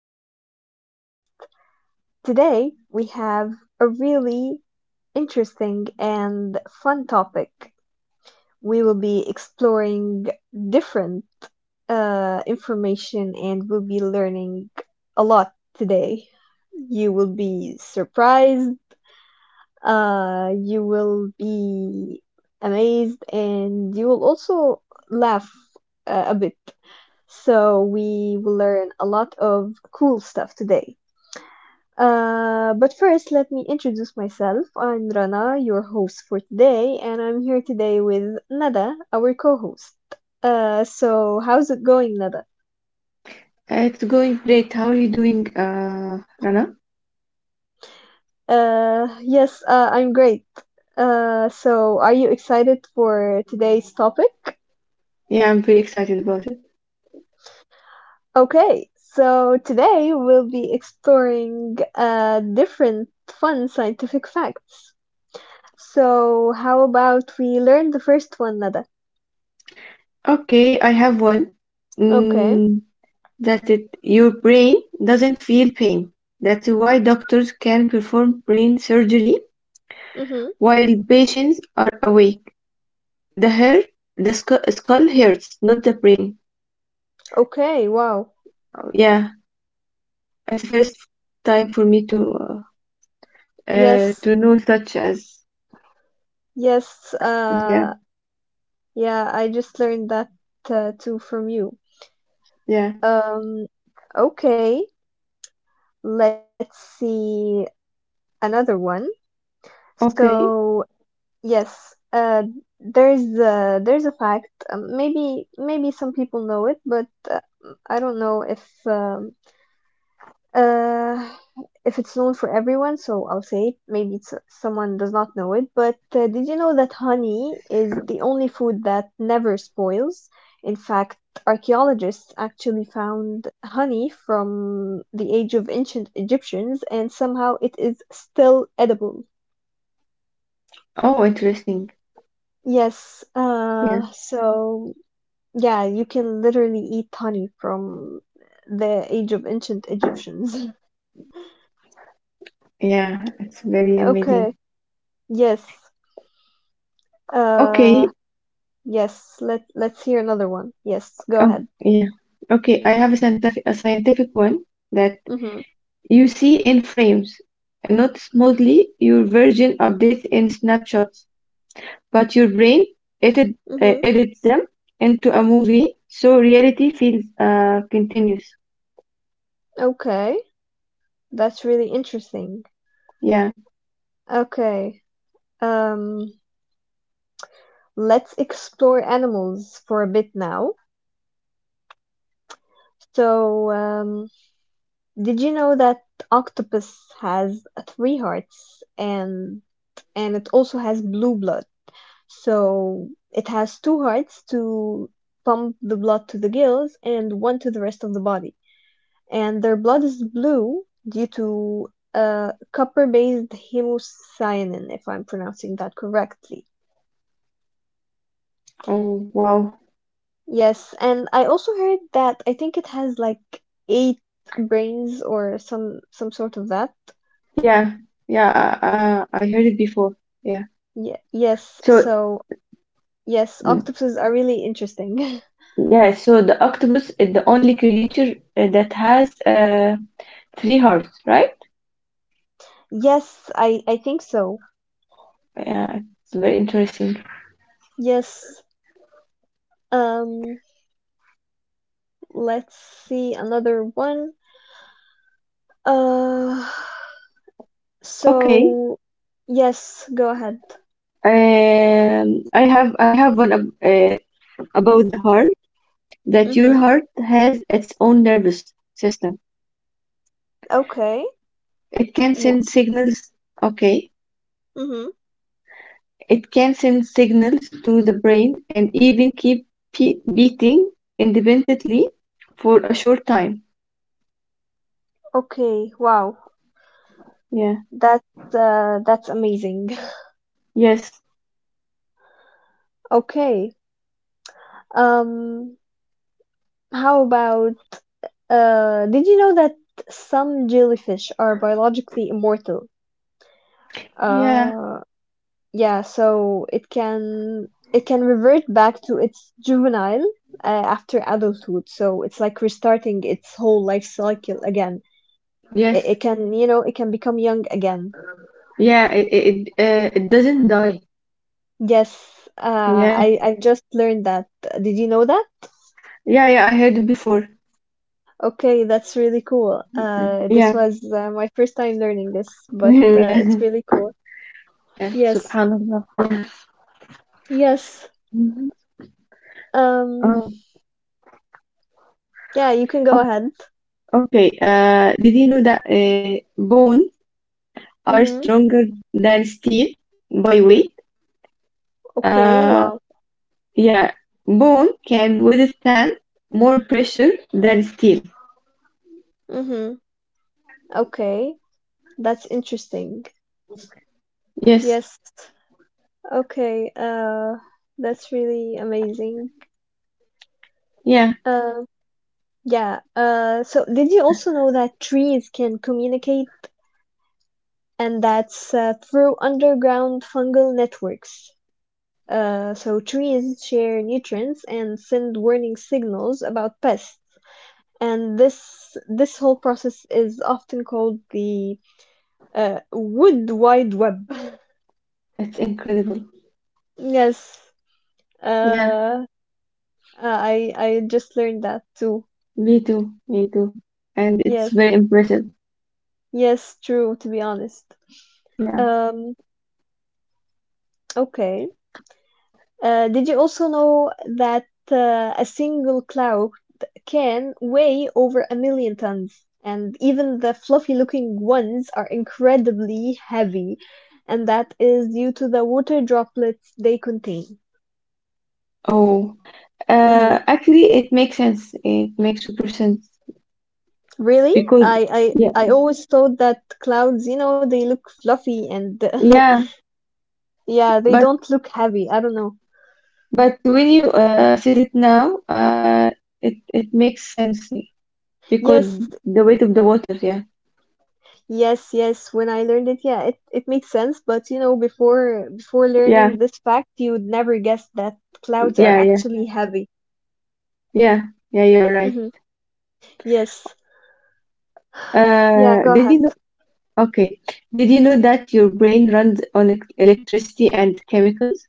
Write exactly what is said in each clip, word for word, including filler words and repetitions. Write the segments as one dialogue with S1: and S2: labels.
S1: to my podcast. Today, we have a really interesting and fun topic. We will be exploring different uh, information, and we'll be learning a lot today. You will be surprised, uh you will be amazed, and you will also laugh uh, a bit, so we will learn a lot of cool stuff today. Uh but first, let me introduce myself. I'm Rana, your host for today, and I'm here today with Nada, our co-host. Uh so how's it going, Nada?
S2: Uh, It's going great. How are you doing, uh, Rana?
S1: Uh yes, uh, I'm great. Uh so are you excited for today's topic?
S2: Yeah, I'm very excited about it.
S1: Okay, so today we'll be exploring uh, different fun scientific facts. So, how about we learn the first one, Nada?
S2: Okay, I have one.
S1: Okay.
S2: Mm, that it, your brain doesn't feel pain. That's why doctors can perform brain surgery
S1: Mm-hmm.
S2: while patients are awake. The hair, the scu skull hurts, not the brain.
S1: Okay, wow.
S2: Yeah, it's the first time for me to uh, uh,
S1: Yes,
S2: to know such as
S1: yes,
S2: yeah,
S1: uh, yeah, I just learned that uh, too from you.
S2: yeah.
S1: Um, okay, let's see another one.
S2: Okay,
S1: So, yes, uh, there's uh, there's a fact. Um, maybe maybe some people know it, but uh, I don't know if um, uh, if it's known for everyone. So I'll say it. Maybe it's, uh, someone does not know it. But uh, did you know that honey is the only food that never spoils? In fact, archaeologists actually found honey from the age of ancient Egyptians, and somehow it is still edible.
S2: oh interesting.
S1: Yes,
S2: Yeah,
S1: uh, so yeah, you can literally eat honey from the age of ancient Egyptians.
S2: yeah, it's very amazing.
S1: Okay. Yes.
S2: Okay,
S1: Uh yes, let let's hear another one. Yes, go
S2: oh
S1: ahead.
S2: yeah. Okay, I have a scientific a scientific one that
S1: Mhm.
S2: you see in frames, and not smoothly. Your version updates in snapshots, but your brain edit, uh,
S1: Mhm.
S2: edits them into a movie, so reality feels uh, continuous.
S1: Okay. That's really interesting.
S2: Yeah.
S1: Okay. Um let's explore animals for a bit now. So, um did you know that octopus has three hearts, and and it also has blue blood? So it has two hearts to pump the blood to the gills and one to the rest of the body. And their blood is blue due to uh, copper based hemocyanin, if I'm pronouncing that correctly.
S2: Oh wow.
S1: Yes, and I also heard that I think it has like eight brains, or some some sort of that.
S2: Yeah. Yeah. Uh, uh, I heard it before. Yeah.
S1: Ye- yes,
S2: So
S1: so yes,
S2: mm,
S1: octopuses are really interesting.
S2: yeah. So the octopus is the only creature uh, that has uh, three hearts, right?
S1: Yes, I I think so.
S2: Yeah, it's very interesting.
S1: Yes. Um let's see another one. Uh,
S2: Okay.
S1: so yes, go ahead.
S2: Um, I have I have one ab- uh, about the heart that your
S1: Mm-hmm.
S2: heart has its own nervous system.
S1: Okay.
S2: It can
S1: W-
S2: send signals. Okay.
S1: mm-hmm.
S2: It can send signals to the brain and even keep pe- beating independently for a short time.
S1: Okay. Wow.
S2: Yeah.
S1: That's uh, that's amazing.
S2: Yes.
S1: Okay. Um, how about uh, did you know that some jellyfish are biologically immortal?
S2: Yeah.
S1: Uh, Yeah, so it can it can revert back to its juvenile uh, after adulthood. So it's like restarting its whole life cycle again. It,
S2: Yes.
S1: it can, you know, it can become young again.
S2: Yeah. It it, it, uh, it doesn't die.
S1: Yes, uh,
S2: Yeah.
S1: I I just learned that. Did you know that?
S2: Yeah. Yeah. I heard it before.
S1: Okay, that's really cool. Uh, this
S2: Yeah.
S1: was uh, my first time learning this, but uh,
S2: yeah.
S1: it's really cool.
S2: Yeah,
S1: Yes,
S2: subhanallah. Yeah.
S1: yes.
S2: Mhm.
S1: Um,
S2: Um,
S1: yeah, you can go
S2: o-
S1: ahead.
S2: okay. Uh, did you know that uh, bones are
S1: Mm-hmm.
S2: stronger than steel by weight?
S1: Okay,
S2: Uh,
S1: wow.
S2: yeah, bone can withstand more pressure than steel.
S1: Mm-hmm. Okay. That's interesting.
S2: Yes.
S1: Yes. Okay. Uh, that's really amazing.
S2: Yeah,
S1: Uh, yeah. Uh, so did you also know that trees can communicate, and that's uh, through underground fungal networks? Uh, so trees share nutrients and send warning signals about pests. And this this whole process is often called the uh, wood wide web.
S2: it's incredible.
S1: Yes.
S2: Yeah,
S1: Uh, Uh, I I just learned that too.
S2: me too. Me too. And it's
S1: Yes,
S2: very impressive.
S1: yes, true, to be honest.
S2: Yeah.
S1: Um, okay. Uh, did you also know that uh, a single cloud can weigh over a million tons? And even the fluffy looking ones are incredibly heavy, and that is due to the water droplets they contain.
S2: Oh,
S1: Hmm.
S2: uh, actually, it makes sense. It makes super sense
S1: Really?
S2: because
S1: I,
S2: yeah,
S1: I I always thought that clouds, you know, they look fluffy, and
S2: yeah.
S1: yeah, they
S2: But
S1: don't look heavy. I don't know.
S2: But when you uh, said it now, uh, it it makes sense yeah, because
S1: Yes,
S2: the weight of the water. Yeah,
S1: yes, yes. When I learned it, yeah, it, it makes sense. But you know, before before
S2: yeah,
S1: learning this fact, you would never guess that clouds are
S2: yeah, yeah,
S1: actually heavy.
S2: yeah, yeah. You're right.
S1: Mm-hmm. Yes. Yeah,
S2: Uh,
S1: go
S2: did you
S1: ahead.
S2: know? Okay, did you know that your brain runs on ec- electricity and chemicals?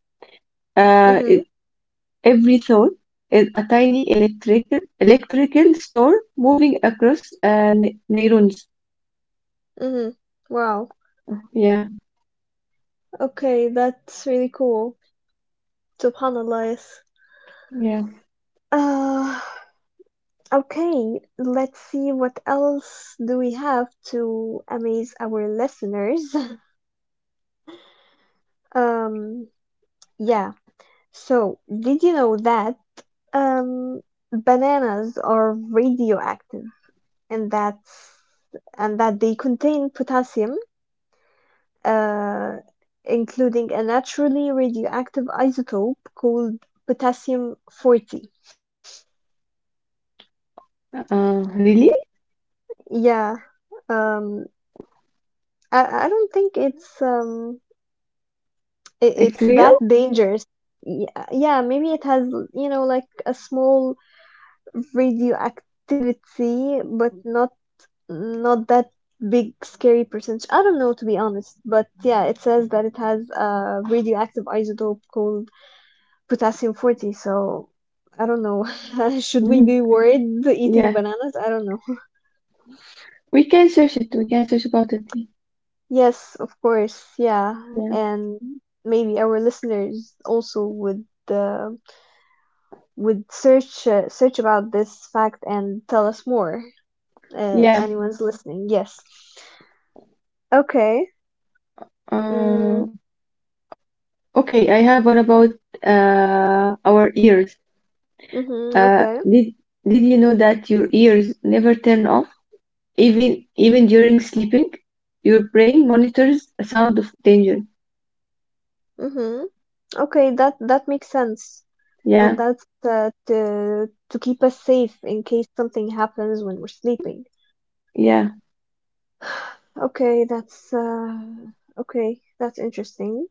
S2: Uh, it,
S1: Mm-hmm.
S2: every thought is a tiny electrical electrical store moving across uh, ne- neurons.
S1: Mm-hmm. Wow.
S2: Yeah,
S1: Okay, that's really cool. SubhanAllah, yes.
S2: yeah.
S1: Uh, okay, let's see what else do we have to amaze our listeners. Um, yeah. So, did you know that Um, bananas are radioactive, and that and that they contain potassium, uh, including a naturally radioactive isotope called potassium forty.
S2: Uh, really?
S1: Yeah. Um, I, I don't think it's um it,
S2: It's
S1: it's
S2: real?
S1: that dangerous. Yeah, yeah, maybe it has, you know, like a small radioactivity, but not not that big scary percentage. I don't know to be honest, but yeah, it says that it has a radioactive isotope called potassium forty, so I don't know. Should we be worried eating
S2: yeah.
S1: bananas? I don't know.
S2: We can search it. We can search about it.
S1: Yes, of course. Yeah,
S2: Yeah.
S1: and maybe our listeners also would uh, would search uh, search about this fact and tell us more, uh, if
S2: Yeah.
S1: anyone's listening. Yes. Okay.
S2: Uh,
S1: Mm,
S2: okay, I have one about uh, our ears.
S1: mm-hmm,
S2: Uh,
S1: okay.
S2: did did you know that your ears never turn off, even even during sleeping? Your brain monitors a sound of danger.
S1: Mm-hmm. Okay, that that makes sense, and
S2: Yeah.
S1: that's uh, to to keep us safe in case something happens when we're sleeping.
S2: Yeah.
S1: Okay, that's uh, okay, that's interesting.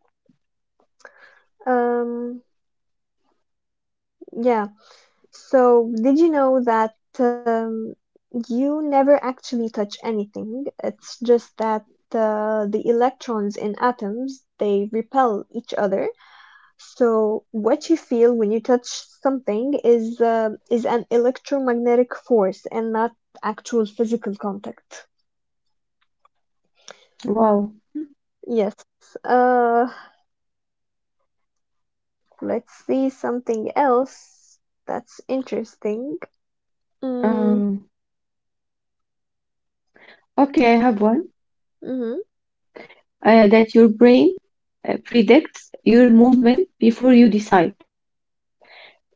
S1: Um, yeah. So, did you know that, um, you never actually touch anything? It's just that uh, the electrons in atoms they repel each other. So what you feel when you touch something is uh, is an electromagnetic force and not actual physical contact.
S2: Wow.
S1: Yes. Uh, let's see something else that's interesting. Mm,
S2: Um, okay, I have one.
S1: mm-hmm,
S2: Uh, that your brain uh, predicts your movement before you decide.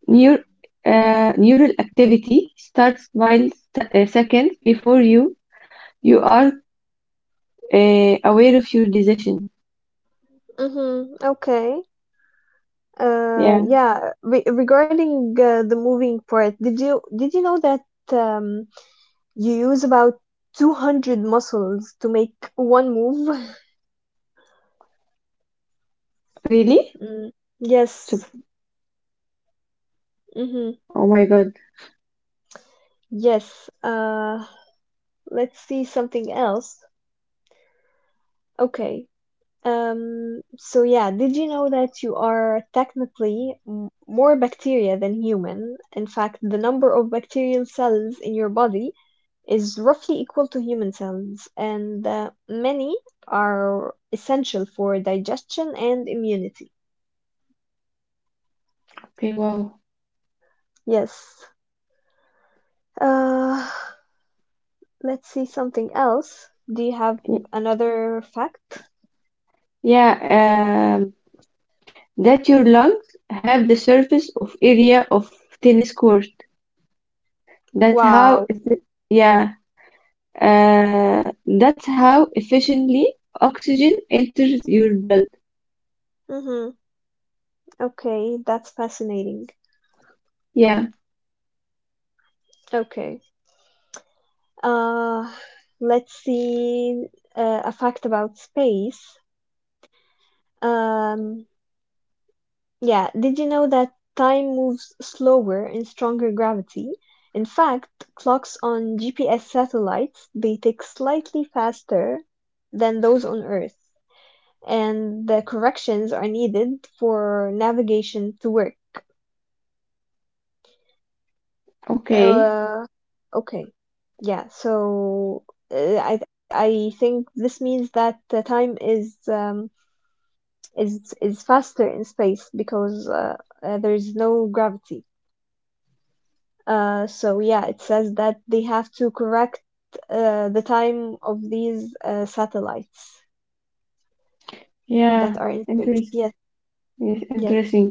S2: Neur uh, Neural activity starts milliseconds before you you are uh, aware of your decision.
S1: mm-hmm, okay. Uh,
S2: Yeah.
S1: yeah. Re regarding uh, the moving part, did you did you know that um you use about two hundred muscles to make one move?
S2: Really?
S1: Mm,
S2: So,
S1: yes. Mm-hmm.
S2: oh my God.
S1: Yes, uh, let's see something else. Okay. Um, so yeah, did you know that you are technically m- more bacteria than human? In fact, the number of bacterial cells in your body is roughly equal to human cells, and uh, many are essential for digestion and immunity.
S2: Okay, wow.
S1: Yes. Uh, let's see something else. Do you have
S2: Y-
S1: another fact?
S2: Yeah, um, that your lungs have the surface of area of tennis court. That's how,
S1: Wow.
S2: effi- yeah, uh, that's how efficiently oxygen enters your blood.
S1: Mm-hmm. Okay, that's fascinating.
S2: Yeah.
S1: Okay. Uh, let's see uh, a fact about space. Um, yeah, did you know that time moves slower in stronger gravity? In fact, clocks on G P S satellites, they tick slightly faster than those on Earth, and the corrections are needed for navigation to work.
S2: Okay.
S1: Uh, okay. Yeah, so uh, I I think this means that the time is um is is faster in space because, uh, uh, there's no gravity. Uh, so yeah, it says that they have to correct uh, the time of these uh, satellites that
S2: Yeah.
S1: are in space.
S2: Interest.
S1: Yes,
S2: Yes,
S1: yes.
S2: interesting.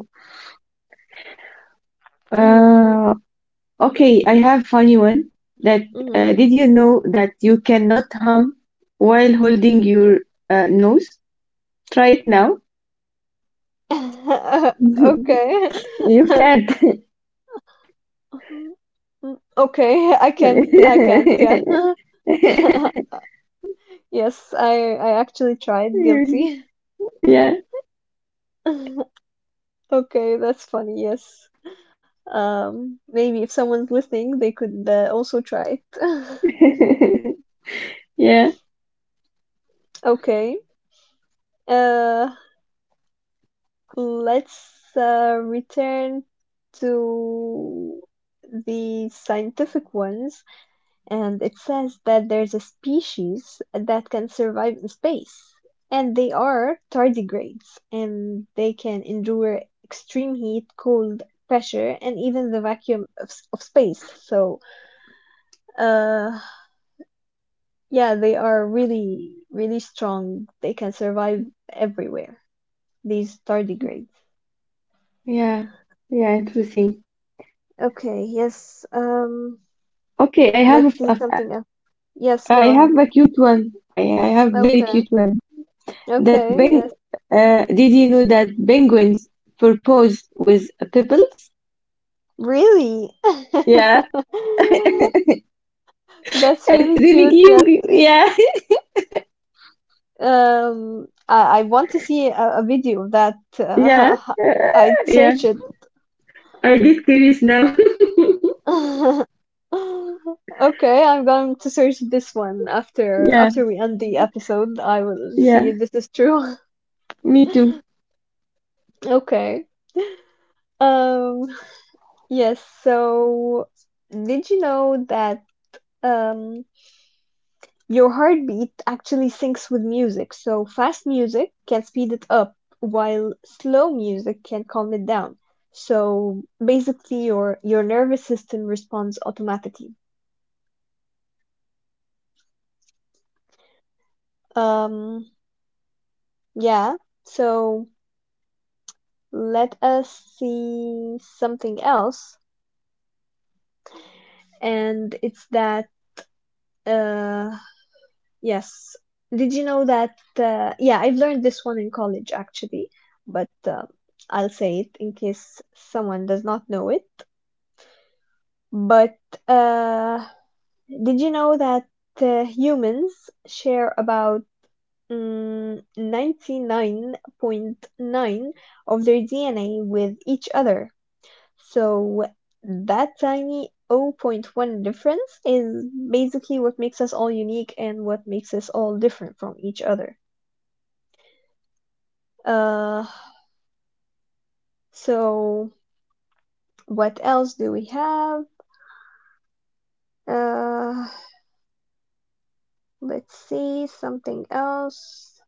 S1: Mm,
S2: Uh, okay, I have funny one. That
S1: mm.
S2: uh, Did you know that you cannot hum while holding your uh, nose? Try it now.
S1: Okay.
S2: You can't.
S1: Mm. Okay, I can't, I can't, yeah. Yes, I I actually tried guilty.
S2: Yeah.
S1: Okay, that's funny. Yes. Um, maybe if someone's listening, they could uh, also try it.
S2: Yeah.
S1: Okay. Uh, let's uh, return to the scientific ones. And it says that there's a species that can survive in space, and they are tardigrades, and they can endure extreme heat, cold, pressure, and even the vacuum of, of space. So uh yeah, they are really really strong. They can survive everywhere, these tardigrades.
S2: Yeah. Yeah. Interesting.
S1: Okay, yes. um
S2: Okay, I have
S1: let's
S2: a f-
S1: see
S2: a-
S1: something else. Yes,
S2: I
S1: go
S2: have
S1: ahead.
S2: a cute one. I, I have very
S1: Okay,
S2: cute one. That
S1: okay.
S2: peng
S1: Yes.
S2: uh, Did you know that penguins propose with pebbles?
S1: Really?
S2: Yeah.
S1: That's
S2: It's
S1: really
S2: really
S1: cute. Yes.
S2: cute. Yeah,
S1: Um, I, I want to see a, a video of that.
S2: yeah,
S1: Uh,
S2: uh,
S1: I'd
S2: yeah.
S1: search it.
S2: I get curious now.
S1: Okay, I'm going to search this one after
S2: Yeah,
S1: after we end the episode. I will see
S2: yeah.
S1: if this is true.
S2: Me too.
S1: Okay. Um, yes, so did you know that, um your heartbeat actually syncs with music? So fast music can speed it up while slow music can calm it down. So basically your your nervous system responds automatically. Um yeah. So let us see something else, and it's that, uh yes. Did you know that, uh, yeah, I've learned this one in college actually, but uh, I'll say it in case someone does not know it. But uh, did you know that uh, humans share about, mm, ninety-nine point nine of their D N A with each other? So that tiny zero point zero point one difference is basically what makes us all unique and what makes us all different from each other. Uh, so what else do we have? Uh, let's see something else.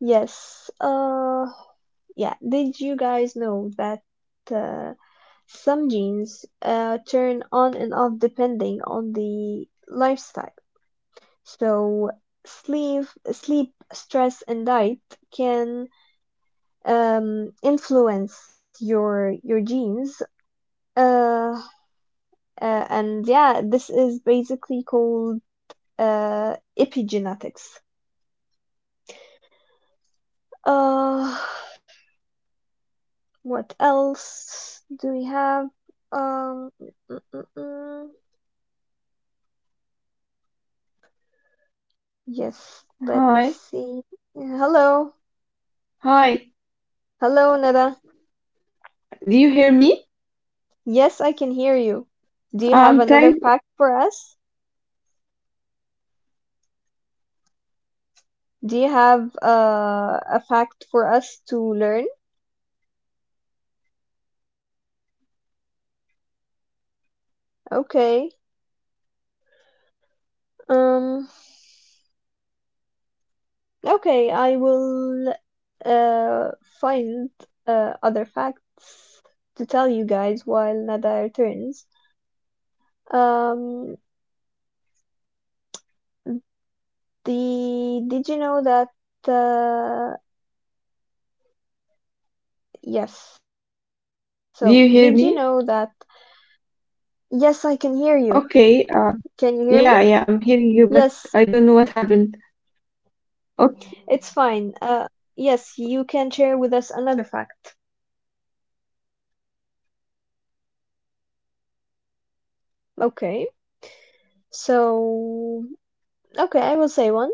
S1: Yes, uh, yeah, did you guys know that uh, some genes uh, turn on and off depending on the lifestyle? So sleep, sleep, stress, and diet can, um, influence your your genes. Uh, uh, and yeah, this is basically called uh, epigenetics. Uh, what else do we have? Um, mm, mm, mm. mm. Yes, let's
S2: Hi,
S1: see. Hello.
S2: hi.
S1: Hello, Nada.
S2: Do you hear me?
S1: Yes, I can hear you. Do you
S2: Uh,
S1: have
S2: I'm
S1: another
S2: trying.
S1: fact for us? Do you have uh, a fact for us to learn? Okay. Um, okay, I will uh, find uh, other facts to tell you guys while Nada returns. Um, the did you know that uh, yes, so did you know that?
S2: Do you hear me?
S1: Yes, I can hear you. Can you
S2: Okay.
S1: hear me?
S2: Uh, yeah, yeah. I'm
S1: Yes,
S2: hearing you, but I don't know what happened.
S1: it's fine. Uh, yes, you can share with us another fact. Okay. So, okay, I will say one.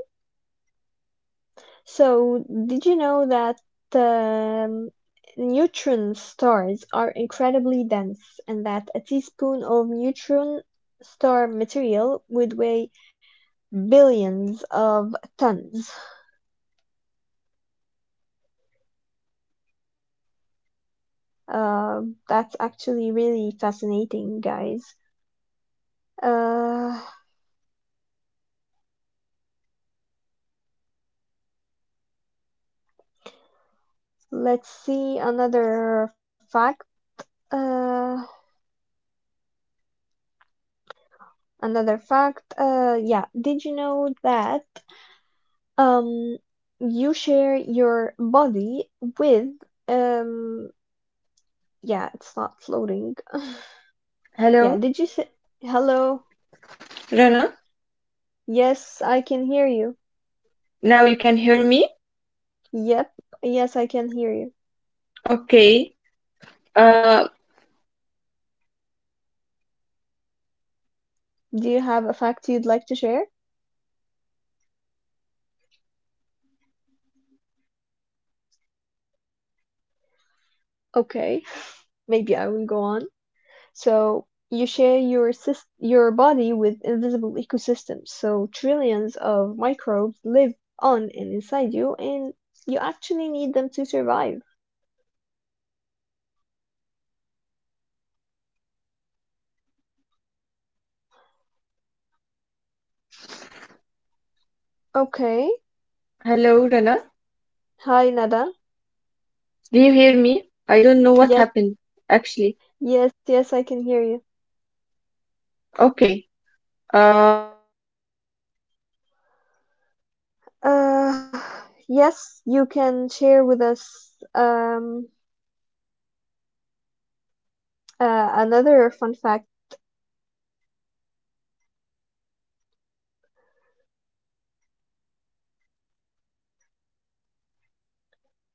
S1: So, did you know that, um, neutron stars are incredibly dense, and that a teaspoon of neutron star material would weigh billions of tons? Uh, that's actually really fascinating, guys. Uh, Let's see another fact. Uh, another fact. Uh, yeah. Did you know that um you share your body with um yeah, it's not floating. Yeah. Did you say hello? Yes, I can hear you. Yep. Yes, I can hear you. Do you have a fact you'd like to share? Okay. Maybe I will go on. So you share your sys- your body with invisible ecosystems. So trillions of microbes live on and inside you, and you actually need them to survive. Okay. Hi, Nada. Yes, yes, yes, I can hear you. Uh, yes, you can share with us um uh, another fun fact,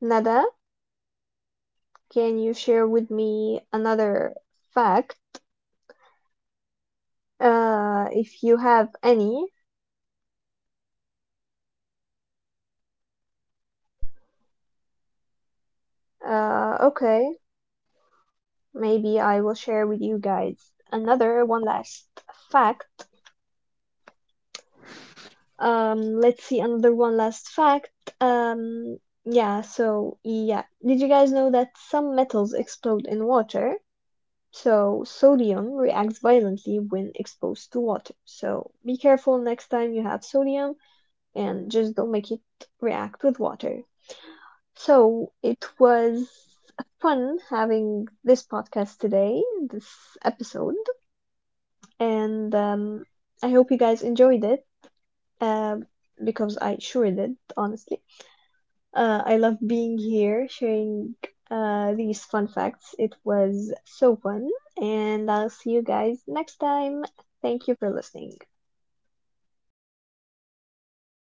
S1: Nada. Can you share with me another fact? Uh, if you have any, Uh, okay, maybe I will share with you guys another one last fact. Um, let's see another one last fact. Um, yeah, so yeah, did you guys know that some metals explode in water? So sodium reacts violently when exposed to water. So be careful next time you have sodium, and just don't make it react with water. So it was fun having this podcast today, this episode, and um, I hope you guys enjoyed it, um, because I sure did, honestly. Uh, I love being here sharing uh, these fun facts. It was so fun, and I'll see you guys next time. Thank you for listening.